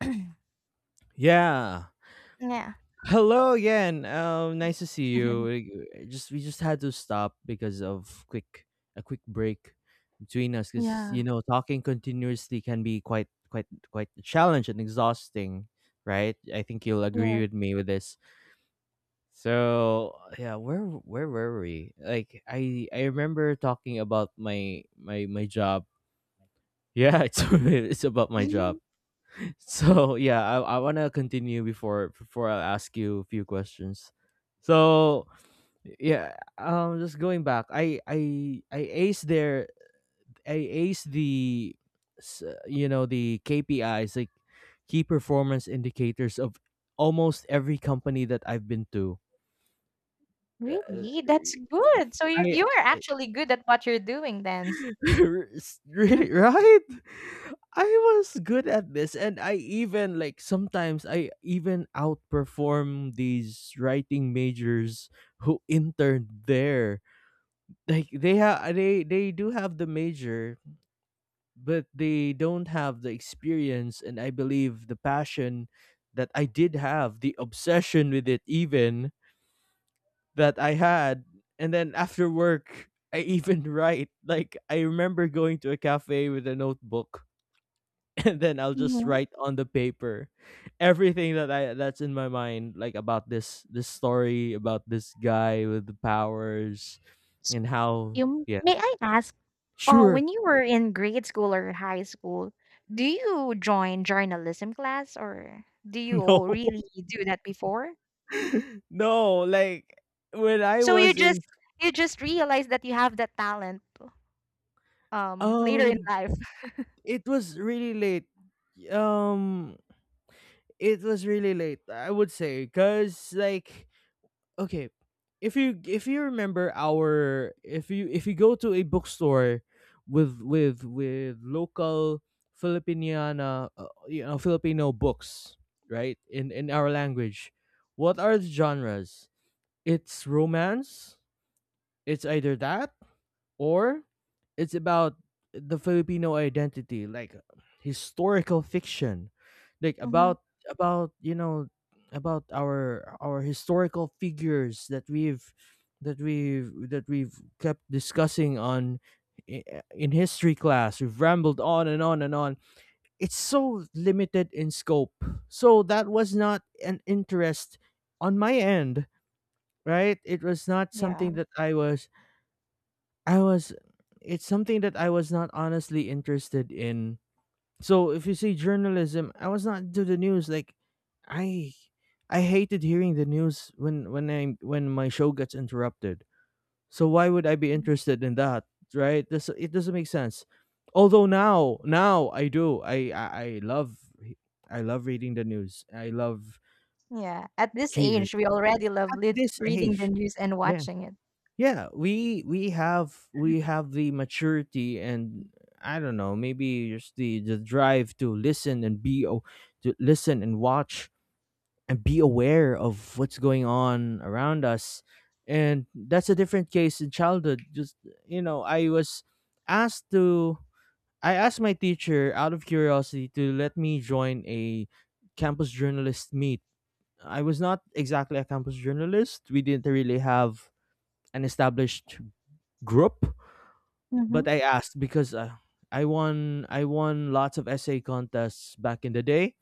Yeah. Yeah. Hello again. Nice to see you. Just we just had to stop because of quick a quick break between us because Yeah. you know talking continuously can be quite a challenge and exhausting, right? I think you'll agree Yeah. with me with this. So yeah, where were we? Like I remember talking about my job. Yeah, it's about my job. So yeah, I wanna continue before I ask you a few questions. So yeah, just going back, I ace the you know the KPIs like key performance indicators of almost every company that I've been to. Uh, Really? That's good. So you I you are actually good at what you're doing then. Re- Right? I was good at this and I even like sometimes I even outperform these writing majors who interned there. Like they they do have the major but they don't have the experience and I believe the passion that I did have, the obsession with it even that I had, and then after work I even write. Like I remember going to a cafe with a notebook and then I'll just Mhm. write on the paper everything that's in my mind, like about this story, about this guy with the powers, So and how you yeah, may I ask, sure, when you were in grade school or high school, do you join journalism class or do you no, all really do that before? no, like when I So you was in just you just realize that you have that talent later in um, life. it was really late. Um, it was really late, I would say, cause like okay if you remember our if you go to a bookstore with local filipiniana, you know, filipino books, right, in our language, what are the genres? It's romance, it's either that, or it's about the Filipino identity, like historical fiction, like Hmm. About you know, about our historical figures that we've that we've that we've kept discussing on, i- in history class we've rambled on and on and on. It's so limited in scope, so that was not an interest on my end. Right, it was not Yeah. something that I was I was, it's something that I was not honestly interested in. So if you say journalism, I was not into the news. Like I I hated hearing the news when I when my show gets interrupted. So why would I be interested in that? Right? This it doesn't make sense. Although now I do. I love reading the news. I love Yeah, at this here age, we already love at lit this reading the age. news and Yeah, watching it. yeah, we have we have the maturity and I don't know, maybe just the drive to listen and to listen and watch and be aware of what's going on around us. And that's a different case in childhood. Just you know, asked to I asked my teacher out of curiosity to let me join a campus journalist meet. I was not exactly a campus journalist, we didn't really have an established group, Mhm. but I asked because I won lots of essay contests back in the day.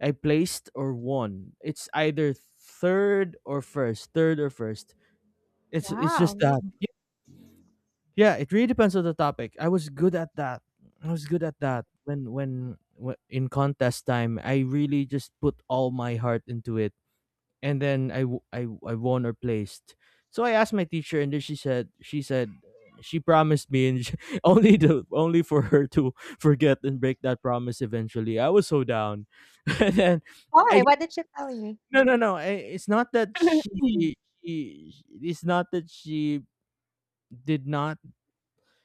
I placed or won. It's either third or first, third or first. It's Wow, just that. really? Yeah, it really depends on the topic. I was good at that. I was good at that when when in contest time. I really just put all my heart into it, and then I won or placed. So I asked my teacher, and then she said she promised me, and she, only to only for her to forget and break that promise eventually. I was so down, and then Why? I What did she tell you? no no no. I, it's not that she. It's not that she did not,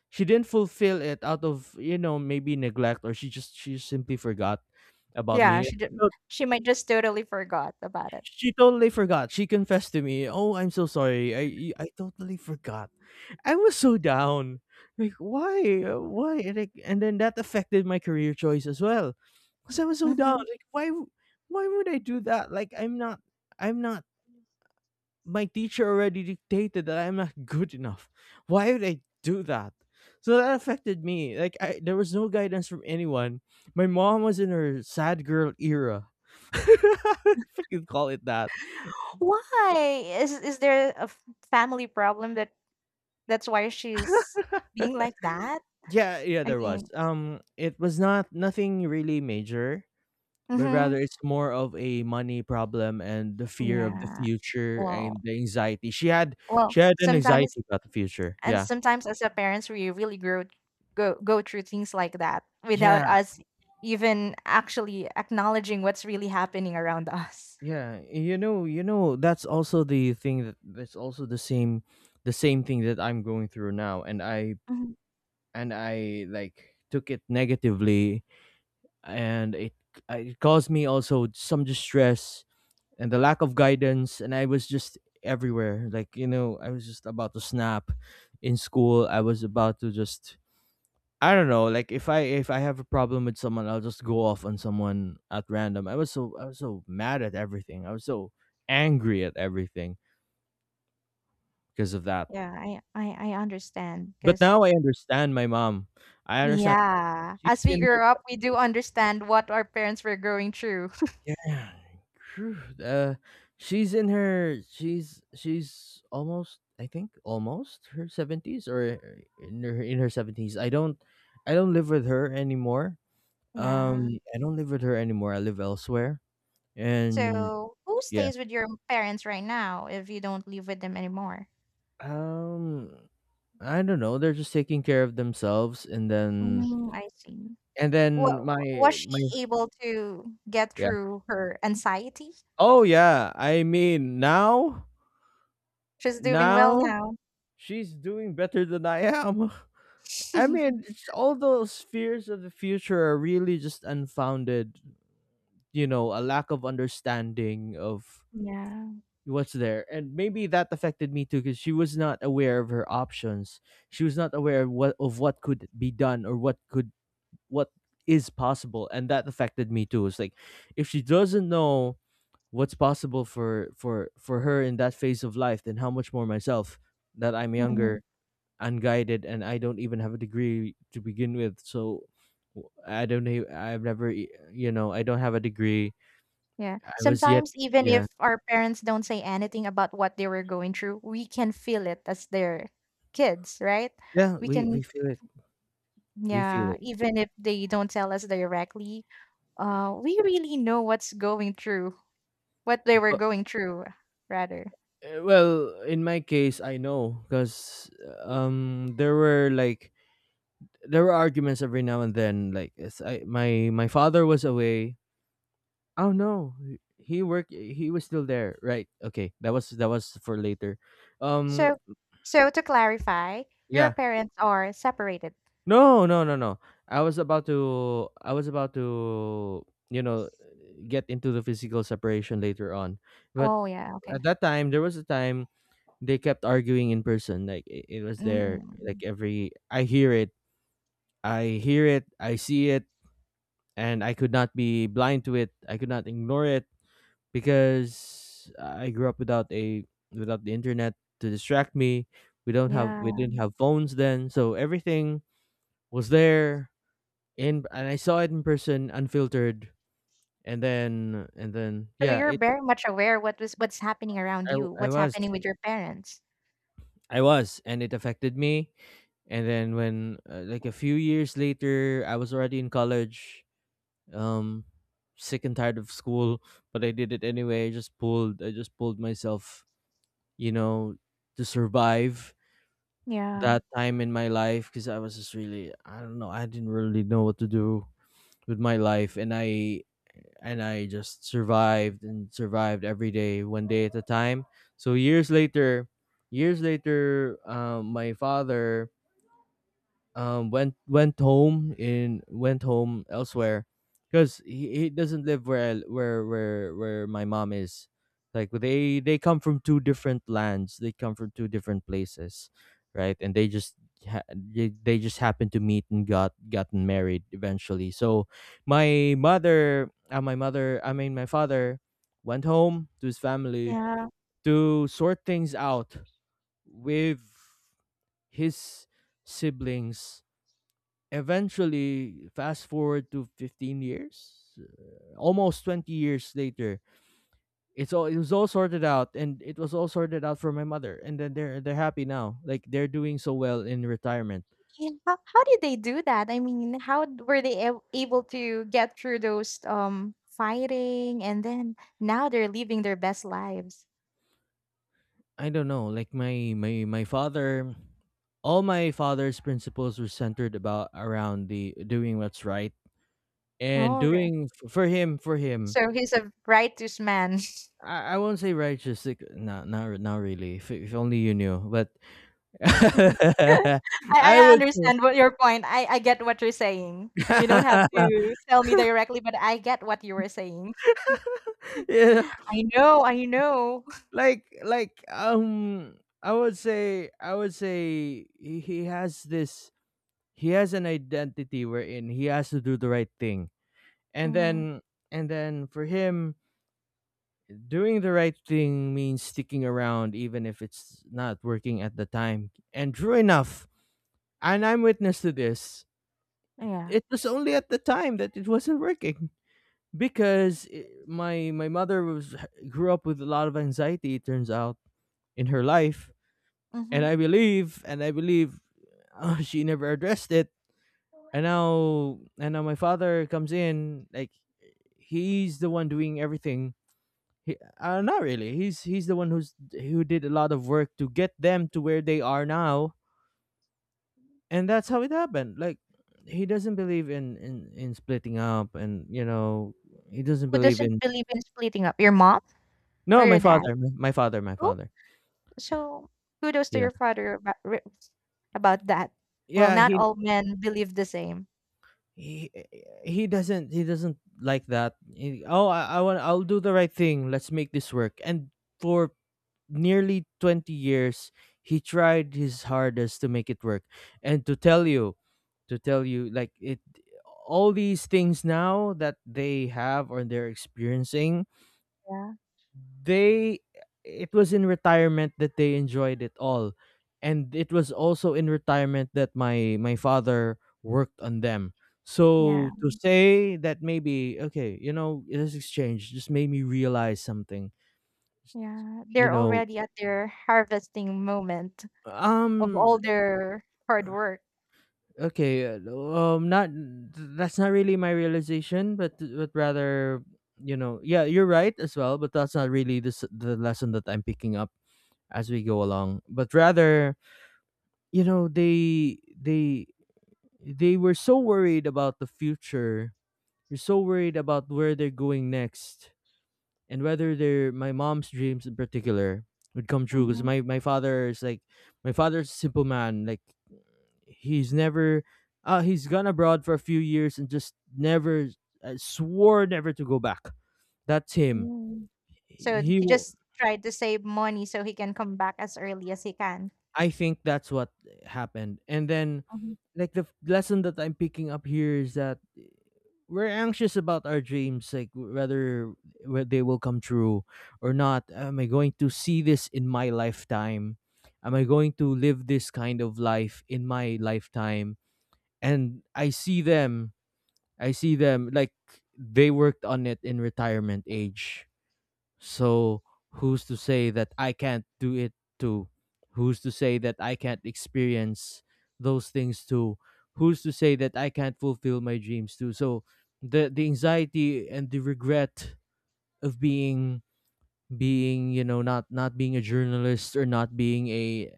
she didn't fulfill it out of, you know, maybe neglect, or she just she simply forgot about Yeah, me. she did, So she might just totally forgot about it. she totally forgot. She confessed to me, "Oh, I'm so sorry. I totally forgot." I was so down. Like, why? Why? And then that affected my career choice as well. Cuz I was so down. Mhm. Like, why would I do that? Like, I'm not, my teacher already dictated that I'm not good enough. Why would I do that? So that affected me. Like I there was no guidance from anyone. My mom was in her sad girl era, if I can call it that. Why? Is there a f family problem that that's why she's being like that? Yeah, yeah, I there was. mean, It was not nothing really major, but rather mhm, it's more of a money problem and the fear of the yeah. future Well, and the anxiety. Well, She had an sometimes anxiety about the future. and Yeah. sometimes as a parents, we really grow go go through things like that without Yeah, us even actually acknowledging what's really happening around us. yeah. You know, that's also the thing that that's also the same thing that I'm going through now, and Mhm. I like took it negatively, and it caused me also some distress, and the lack of guidance, and I was just everywhere, like you know, I was just about to snap. In school I was about to just, I don't know, like if I have a problem with someone, I'll just go off on someone at random. I was so, I was so mad at everything, I was so angry at everything because of that. Yeah, I understand But because now I understand my mom, I understand yeah, she's as we in her grow up, we do 70s. understand what our parents were going through. Yeah, true. Uh, she's in her She's almost, I think almost her seventies, or in her seventies. I don't live with her anymore. Yeah. I don't live with her anymore. I live elsewhere, and So, who yeah. stays with your parents right now if you don't live with them anymore? Um, I don't know. They're just taking care of themselves, and then Mm, I see. Wa- was my my she able to get yeah. through her anxiety? Oh yeah. I mean She's doing well now now. she's doing better than I am. I mean, it's all those fears of the future are really just unfounded, you know, a lack of understanding of Yeah. what's there. And maybe that affected me too, cuz she was not aware of her options. She was not aware of what, of what could be done, or what could, what is possible, and that affected me too. It's like if she doesn't know what's possible for her in that phase of life, then how much more myself, that I'm younger, Mhm. unguided, and I don't even have a degree to begin with. So I don't know. I've never, you know, I don't have a degree. Yeah. I was yet, Sometimes even yeah, if our parents don't say anything about what they were going through, we can feel it as their kids, right? yeah. We We can, feel it. We feel yeah, it. even if they don't tell us directly, we really know what's going through, what they were But going through, rather. Well, in my case, I know because there were like there were arguments every now and then. Like it's, I my father was away. Oh no, he worked. He was still there. Right. Okay. That was for later. Um. So, so to clarify, your Yeah. parents are separated. No, no, no, no. I was about to, you know, get into the physical separation later on. But Oh yeah, okay. at that time, there was a time they kept arguing in person. Like it was there like Mm. every, I hear it, I hear it, I see it, and I could not be blind to it. I could not ignore it because I grew up without a, without the internet to distract me. We Yeah. didn't have phones then, so everything was there in, and I saw it in person, unfiltered, and then So yeah, you're it very much aware what was what's happening around you, I what's was, happening with your parents. I was, and it affected me. And then when like a few years later, I was already in college, um, sick and tired of school, but I did it anyway. I just pulled myself, you know, to survive Yeah. that time in my life because I was just really, I don't know, I didn't really know what to do with my life, and I just survived and survived every day, one day at a time. So years later, my father went home elsewhere because he doesn't live where I, where my mom is. Like they come from two different lands. They come from two different places, right? And they just they just happened to meet and gotten married eventually. So my mother I mean my father went home to his family Yeah. to sort things out with his siblings. Eventually, fast forward to 15 years, almost 20 years later, it was all sorted out, and it was all sorted out for my mother. And then they're happy now, like they're doing so well in retirement. Yeah, how did they do that? I mean, how d were they ab able to get through those, fighting, and then now they're living their best lives? I don't know, like my father, all my father's principles were centered about around the doing what's right. And Oh, rea doing for him for him, so he's a righteous man. I won't say righteous, like, not really. If only you knew, but I I would understand what your point, I get what you're saying. You don't have to tell me directly, but I get what you were saying. you know, I know, I know. like like um I would say, he has this, he has an identity wherein he has to do the right thing. And Mhm. then, for him, doing the right thing means sticking around even if it's not working at the time. And true enough, and I'm witness to this, Yeah. it was only at the time that it wasn't working. Because I my mother was grew up with a lot of anxiety, it turns out, in her life. And Mhm. I believe, she never addressed it. And now, my father comes in, like he's the one doing everything. He, not really. He's the one who's who did a lot of work to get them to where they are now, and that's how it happened. Like he doesn't believe in splitting up, and you know he doesn't Who believe doesn't in. believe in splitting up? Your mom or No, your my dad? father, my Oh, father. so kudos to Yeah, your father about about that. Well, yeah. not all men believe the same. he he doesn't, oh, I want, I'll do the right thing. Let's make this work. And for nearly 20 years, he tried his hardest to make it work. And to tell you, like it, all these things now that they have or they're experiencing, Yeah, they, it was in retirement that they enjoyed it all. And it was also in retirement that my father worked on them, yeah, so to say. That maybe, okay, you know, this exchange just made me realize something, yeah. you They're know. already at their harvesting moment of um all their hard work. okay, not, that's not really my realization, but rather, you know, yeah, you're right as well, but that's not really this the the lesson that I'm picking up as we go along, but rather, you know, they they were so worried about the future. They're so worried about where they're going next, and whether they're my mom's dreams, in particular, would come true. Because Hmm. My father is like, my father's a simple man. Like he's never, uh, he's gone abroad for a few years and just never, swore never to go back. That's him. Mm. So He, he just tried to save money so he can come back as early as he can. I think that's what happened. And then, Mhm. like, the lesson that I'm picking up here is that, eh, we're anxious about our dreams, like, whether they will come true or not. Am I going to see this in my lifetime? Am I going to live this kind of life in my lifetime? And I see them, like, they worked on it in retirement age. So who's to say that I can't do it too? Who's to say that I can't experience those things too? Who's to say that I can't fulfill my dreams too? So the anxiety and the regret of being, you know, not being a journalist, or not being a,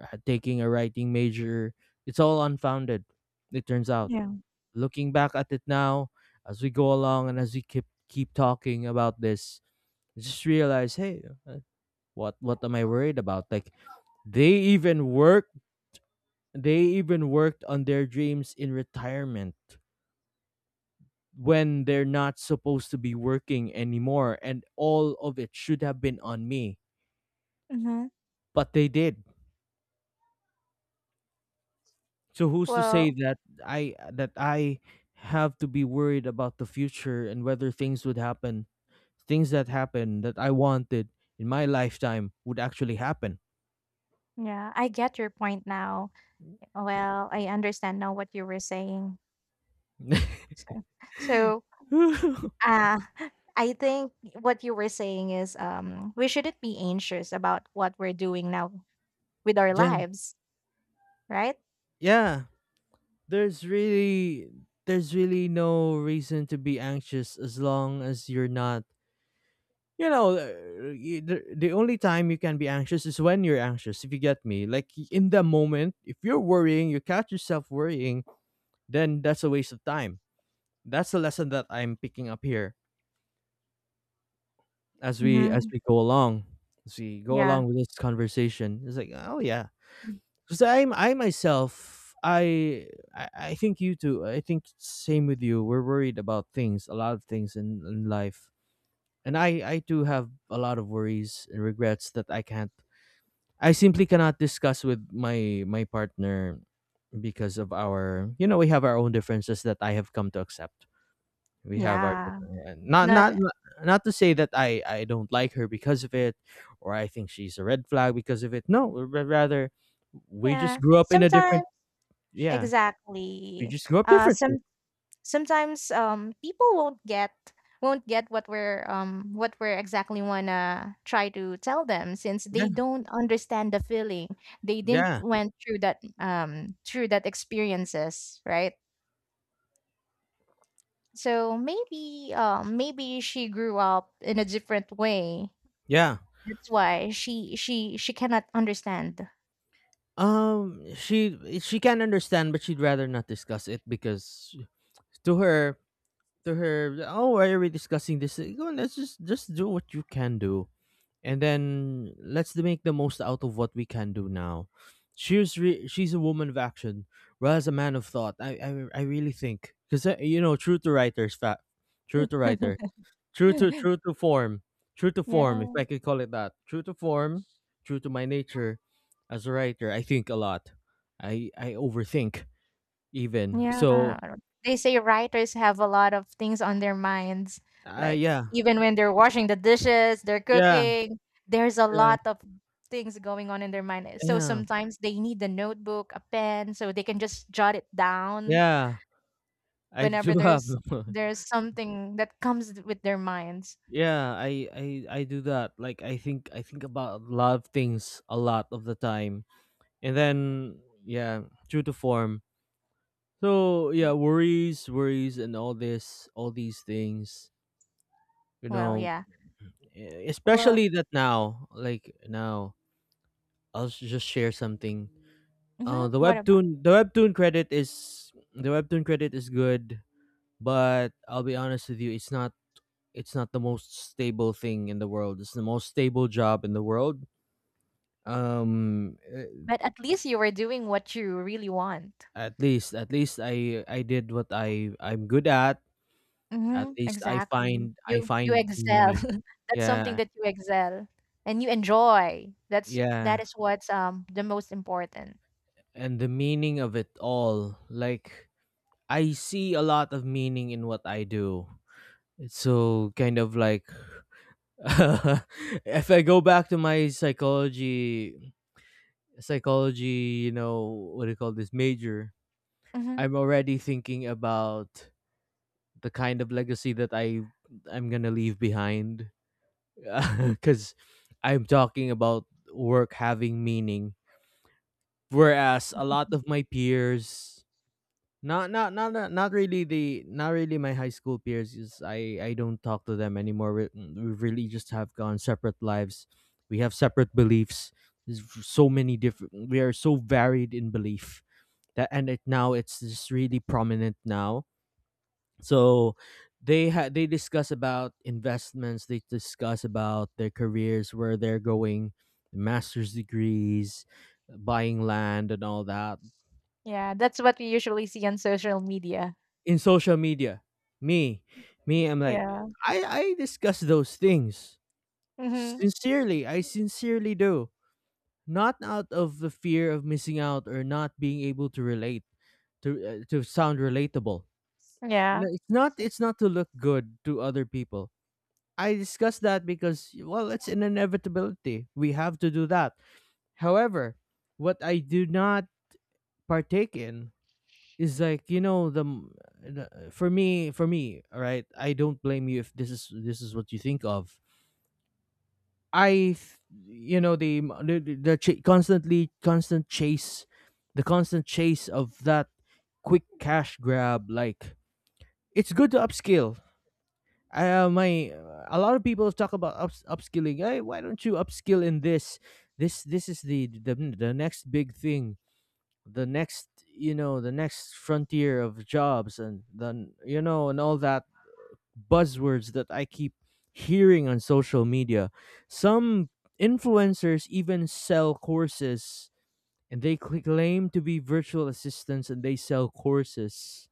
taking a writing major, it's all unfounded, it turns out, Yeah. looking back at it now. As we go along, and as we keep talking about this, I just realize, hey, what am I worried about? Like they even work, they even worked on their dreams in retirement, when they're not supposed to be working anymore, and all of it should have been on me, Hmm. but they did. So who's to say Well, that I have to be worried about the future and whether things would happen, things that happen that I wanted in my lifetime would actually happen. yeah, I get your point now. Well, I understand now what you were saying. So, so, uh, I think what you were saying is, we shouldn't be anxious about what we're doing now with our Yeah, lives, right? yeah. There's really, no reason to be anxious, as long as you're not, you know, the, only time you can be anxious is when you're anxious, if you get me, like, in the moment, if you're worrying, you catch yourself worrying, then that's a waste of time. That's the lesson that I'm picking up here, as we, Mhm. Go along, as we go Yeah. along with this conversation. It's like, oh yeah. Mm. Because I myself, I, I I think you too. I think same with you. We're worried about things, a lot of things in life. And I too have a lot of worries and regrets that I can't, I simply cannot discuss with my partner, because of our, you know, we have our own differences that I have come to accept. We have our Yeah. different- not, Not not to say that I don't like her because of it, or I think she's a red flag because of it. No, rather, we just yeah. grew up in a different. Sometimes Yeah, we exactly. just grew up Uh, differently. some Sometimes people won't get what we're exactly wanna try to tell them since Yeah, they don't understand the feeling they didn't yeah, went through that experiences, right? So maybe, maybe she grew up in a different way, yeah. that's why she cannot understand. She can understand, but she'd rather not discuss it because to her, oh, why are we discussing this? Go on, let's just do what you can do, and then let's make the most out of what we can do now. She's a woman of action, whereas a man of thought. I really think because, you know, true to writers, fact, true to writer. True to, form. True to form, if Yeah. I could call it that. True to form, true to my nature as a writer. I think a lot. I overthink, even. Yeah, So, they say writers have a lot of things on their minds, I like yeah. even when they're washing the dishes, they're Yeah. cooking, there's a Yeah. lot of things going on in their mind. So Yeah. sometimes they need a notebook, a pen, so they can just jot it down Yeah. I whenever do have there's something that comes with their minds. Yeah, I do that. Like I think, about a lot of things, a lot of the time. And then, yeah, true to form. So Yeah. yeah, worries, worries, and all this, all these things, you Well, know, yeah. Well, especially that now, like now, I'll just share something. Uh, mhm, what about? The webtoon credit is, the webtoon credit is good, but I'll be honest with you. It's not, it's not the most stable thing in the world. It's the most stable job in the world. Um, eh, But at least you were doing what you really want. at least, I did what I'm good at. At Mhm, least I exactly. find, You excel. meaning. That's something Yeah, that you excel and you enjoy. That's yeah. that is what's the most important. And the meaning of it all, like, I see a lot of meaning in what I do. It's so kind of like if I go back to my psychology, you know, what do you call this major, Hmm. I'm already thinking about the kind of legacy that I'm going to leave behind cuz I'm talking about work having meaning, whereas a lot of my peers. Not, really the not really my high school peers. Is, I don't talk to them anymore. We, mm, we really just have gone separate lives. We have separate beliefs. There's so many different. We are so varied in belief that, and it now it's just really prominent now. So they had, they discuss about investments. They discuss about their careers, where they're going, master's degrees, buying land, and all that. Yeah, that's what we usually see on social media. In social media. Me, I'm like, Yeah. I discuss those things. Hmm. Sincerely, I sincerely do. Not out of the fear of missing out, or not being able to relate, to sound relatable. Yeah. No, it's not, So- it's not to look good to other people. I discuss that because, well, it's an inevitability. We have to do that. However, what I do not partake in is, like, you know, the, for me, all right, I don't blame you if this is what you think of. i th- you know the constant chase, of that quick cash grab, like, it's good to upskill. Uh, my, a lot of people talk about upskilling. Hey, why don't you upskill in this is the next big thing, the next, you know, the next frontier of jobs, and then, you know, and all that buzzwords that I keep hearing on social media. Some influencers even sell courses, and they claim to be virtual assistants, and they sell courses,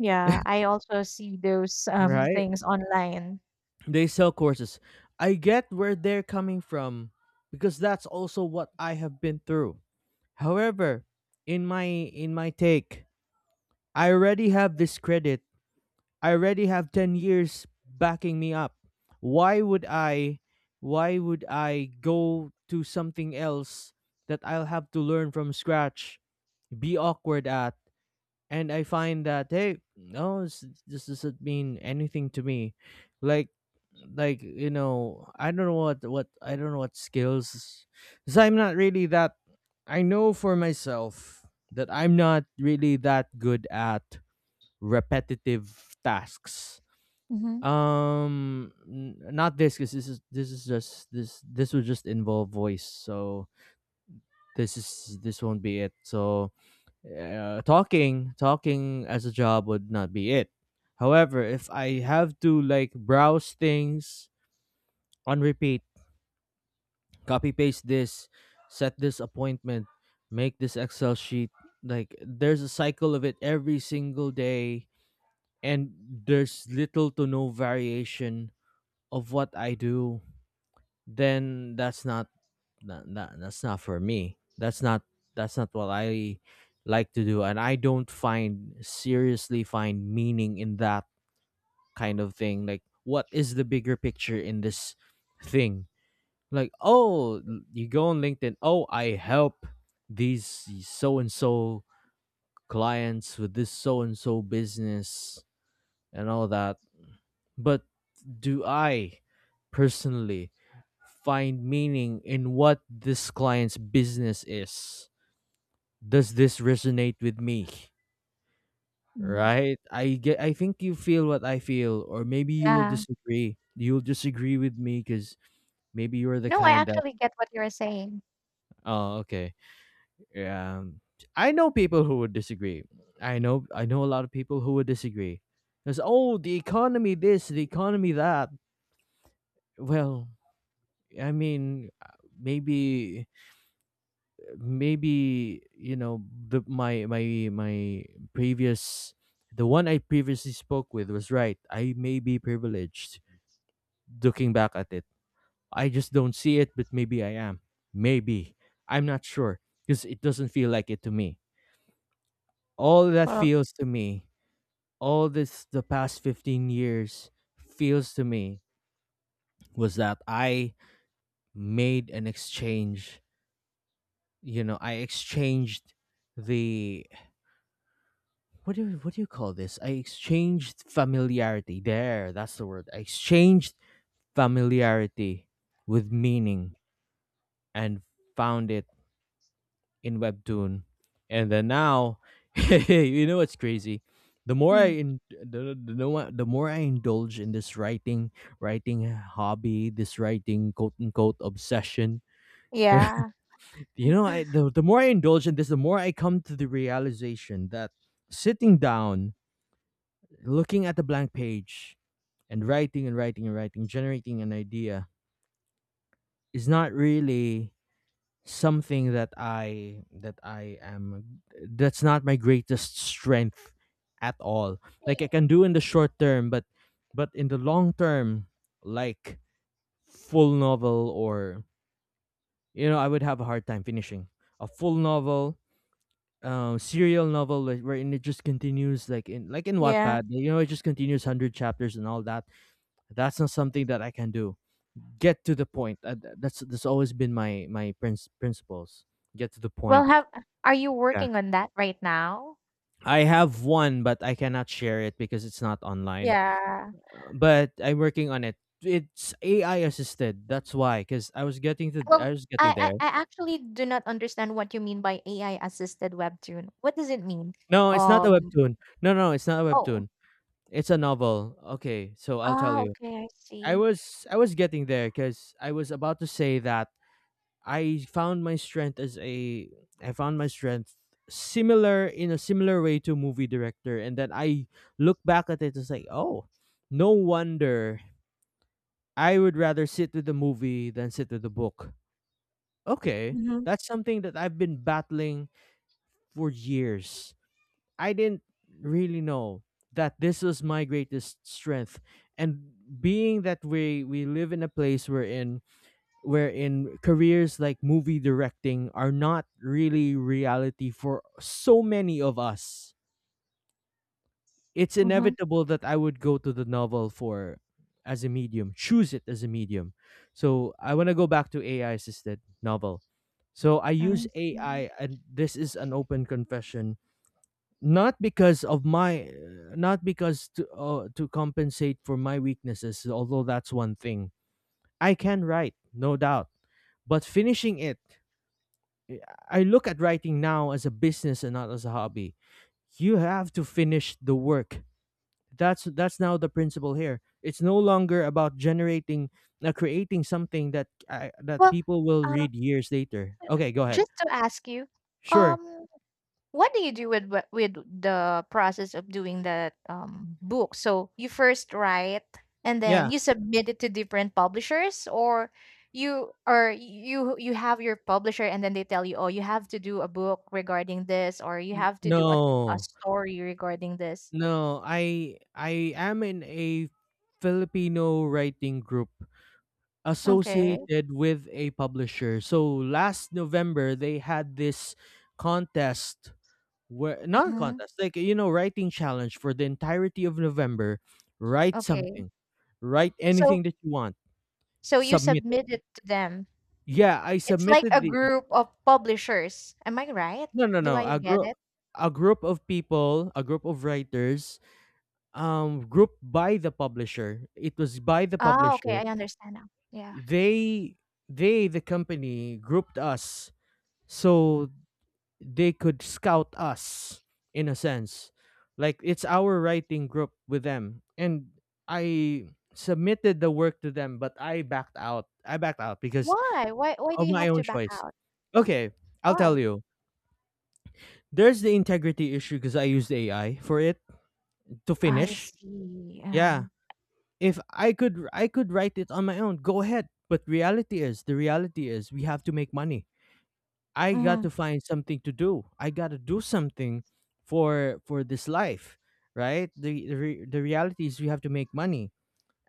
Yeah, I also see those right? things online. They sell courses. I get where they're coming from, because that's also what I have been through. However, in my take, I already have this credit. I already have 10 years backing me up. Why would I, go to something else that I'll have to learn from scratch, be awkward at? And I find that, hey, no, this doesn't mean anything to me. Like, you know, I don't know what I don't know what skills. I'm not really that, I know for myself that I'm not really that good at repetitive tasks. Hmm. Um, not this, because this is, just this would just involve voice. So this won't be it. So, talking, as a job would not be it. However, if I have to like browse things on repeat, copy paste this, set this appointment, make this Excel sheet, like there's a cycle of it every single day, and there's little to no variation of what I do, then that's not for me. That's not what I like to do, and I don't find seriously find meaning in that kind of thing. Like what is the bigger picture in this thing? like oh l- you go on LinkedIn. Oh, I help these so and so clients with this so and so business and all that. But do I personally find meaning in what this client's business is? Does this resonate with me? Mm. Right? I think you feel what I feel, or maybe you'll Yeah. disagree. You'll disagree with me cuz maybe you're the No, I kind that— actually get what you're saying. oh, okay. Um I know people who would disagree. I know a lot of people who would disagree. Cuz oh, the economy this, the economy that. Well, I mean, maybe you know, the my my my previous— the one I previously spoke with was right. I may be privileged, looking back at it. I just don't see it, but maybe I am. Maybe. I'm not sure because it doesn't feel like it to me. All that Well, feels to me, all this the past 15 years feels to me, was that I made an exchange. You know, I exchanged the— what do you call this? I exchanged familiarity. There, that's the word. I exchanged familiarity with meaning, and found it in webtoon. And then now you know what's crazy, the more I mm, in, the more I indulge in this writing, writing hobby, this writing, quote unquote, obsession, yeah. you know, the more I indulge in this, the more I come to the realization that sitting down, looking at the blank page, and writing and writing and writing, generating an idea, is not really something that I am that's not my greatest strength at all. Like I can do in the short term, but in the long term, like full novel, or you know, I would have a hard time finishing a full novel, serial novel, like, wherein it just continues, like in Yeah. Wattpad, you know, it just continues 100 chapters and all that. That's not something that I can do. Get to the point. That's always been my principles. Get to the Well, point. have are you Yeah, working on that right now? I have one, but I cannot share it because it's not online. Yeah. But I'm working on it. It's AI assisted. That's why, because Well, I was I, getting I there. I actually do not understand what you mean by AI assisted webtoon. What does it mean? No, it's not a Um. webtoon. No, It's not a Oh. webtoon. It's a novel. Okay, so I'll tell Ah. you. Okay. I see. I was getting there because I was about to say that I found my strength as a I found my strength, similar— in a similar way to movie director, and then I look back at it and say, oh, no wonder I would rather sit with the movie than sit with the book. Okay. Mm-hmm. That's something that I've been battling for years. I didn't really know that this was my greatest strength. And being that we live in a place we're in, wherein careers like movie directing are not really reality for so many of us. It's Mm-hmm. inevitable that I would go to the novel for— as a medium, choose it as a medium. So I want to go back to AI assisted novel. So I I use see. AI, and this is an open confession, not because of my— not because to compensate for my weaknesses, although that's one thing. I can write, no doubt, but finishing it, I I look at writing now as a business and not as a hobby. You have to finish the work. That's now the principle here. It's no longer about generating, creating something that that Well, people will uh, read years later. Okay, go ahead. just to ask you, Sure. um, what do you do with with the process of doing that, book? So you first write, and then Yeah. you submit it to different publishers, or you have your publisher, and then they tell you, oh, you have to do a book regarding this, or you have to do a No. story regarding this. No. I am in a Filipino writing group Okay. associated with a publisher. So last November they had this contest— where, not a Mm-hmm. contest, like you know, writing challenge for the entirety of November. Write Okay. something, write So, anything that you want, so you submit it. submit it to them. Yeah, I It's like submitted a the— group of publishers. Am I right? no, no, Do no. I get it? A group of people, a group of writers, grouped by the publisher. It was by the Ah, okay. publisher. I understand now. Yeah. They, they, the company, grouped us. So they could scout us, in a sense, like it's our writing group with them, and I submitted the work to them, but I backed out. I backed out because Why? Why do of you my have own to back choice. out? Okay, I'll tell Why? you, there's the integrity issue because I used AI for it, to I finish. see, yeah. Yeah. if I could I could write it on my own, go ahead, but reality is— the reality is we have to make money. I got Mhm, to find something to do. I got to do something for this life, right? The reality is we have to make money.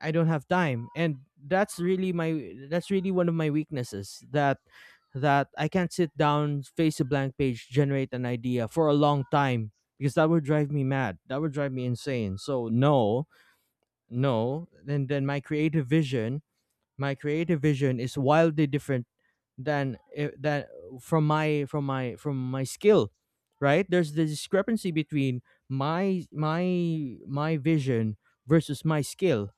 I don't have time, and that's really one of my weaknesses, that I can't sit down, face a blank page, generate an idea for a long time, because that would drive me mad. That would drive me insane. So no, no. And then my creative vision— my creative vision is wildly different than from my skill. Right? There's the discrepancy between my vision versus my skill,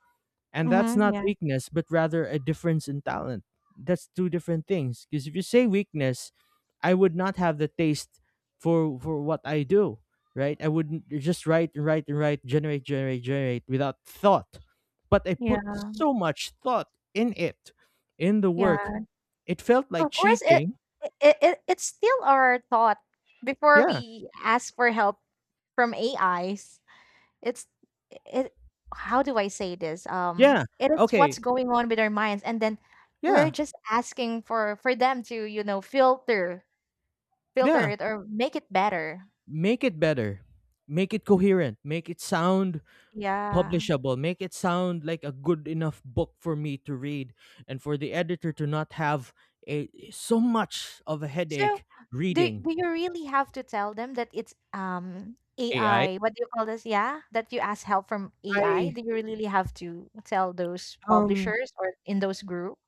and that's mhm, not yeah, weakness, but rather a difference in talent. That's two different things. Because if you say weakness, I would not have the taste for what I do, right? I wouldn't just write and write and write, generate, generate, generate without thought. But I yeah, put so much thought in it, in the work. yeah. It felt like Of course, cheating. It's still our thought before Yeah. we ask for help from AIs. It's it How do I say this? Yeah. It is what's Okay. going on with our minds, and then we're Yeah. just asking for them to, you know, filter Yeah. it or make it better. Make it better. Make it coherent. Make it sound Yeah. publishable, make it sound like a good enough book for me to read and for the editor to not have a so much of a So, headache do reading do you really have to tell them that it's AI. AI? What do you call this? Yeah, that you ask help from I AI. I Do you really have to tell those um publishers or in those group?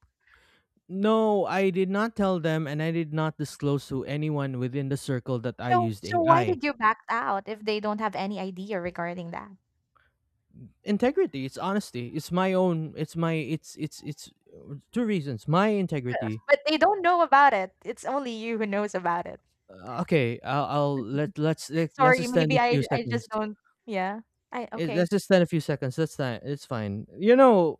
no, I did not tell them, and I did not disclose to anyone within the circle that I So, used so why AI. did you back out if they don't have any idea regarding that? Integrity, it's honesty. It's my own— it's my— it's two reasons. My But, integrity. but they don't know about it. It's only you who knows about it. Okay, I'll— let's let's Sorry, extend maybe a I few I just seconds. don't. Yeah. I okay. Let's just spend a few seconds. That's fine. It's fine. You know,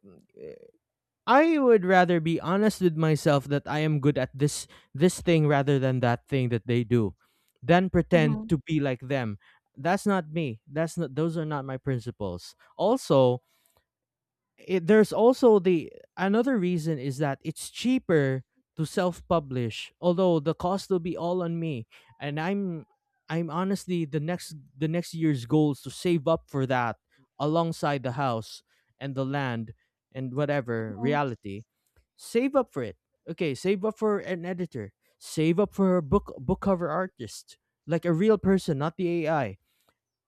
I would rather be honest with myself that I am good at this thing rather than that thing that they do, than pretend Mhm, to be like them. That's not me. That's not. Those are not my principles. Also, there's also the— another reason is that it's cheaper to self-publish, although the cost will be all on me, and I'm honestly— the next year's goal is to save up for that, alongside the house and the land and whatever mhm. reality. Save up for it. Okay, save up for an editor, save up for a book cover artist, like a real person, not the AI,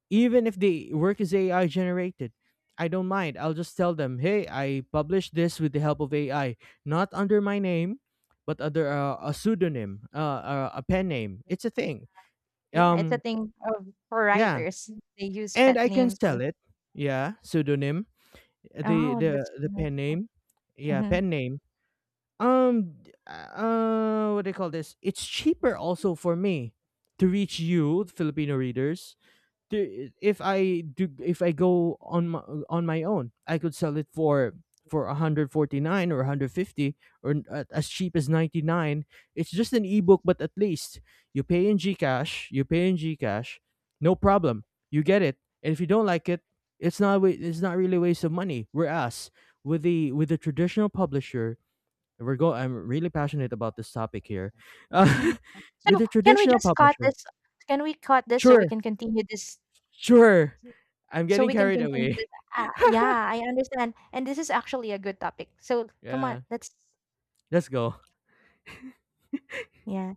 even if the work is AI generated. I don't mind. I'll just tell them, hey, I published this with the help of AI, not under my name, but under a pseudonym, a pen name. It's a thing. Yeah, it's a Um, thing of for yeah, writers. They use and pet I can names or sell it. Yeah, pseudonym, oh, that's. the pen name. Yeah, Hmm. pen name. Um, uh, what do they call this? It's cheaper also for me to reach Filipino readers. If I do if I go on my— on my own, I could sell it for 149 or 150, or as cheap as 99. It's just an ebook, but at least you pay in GCash, no problem. You get it. And if you don't like it, it's not really a waste of money. Whereas with the traditional publisher, we're go— I'm really passionate about this topic here. Uh, Mm. with So the can we traditional just cut publisher— this? Can we cut this so we sure. can continue this? Sure. I'm So getting we can carried continue away. this. Yeah, I understand. And this is actually a good topic. So come on, Yeah. let's. Let's go. Yeah.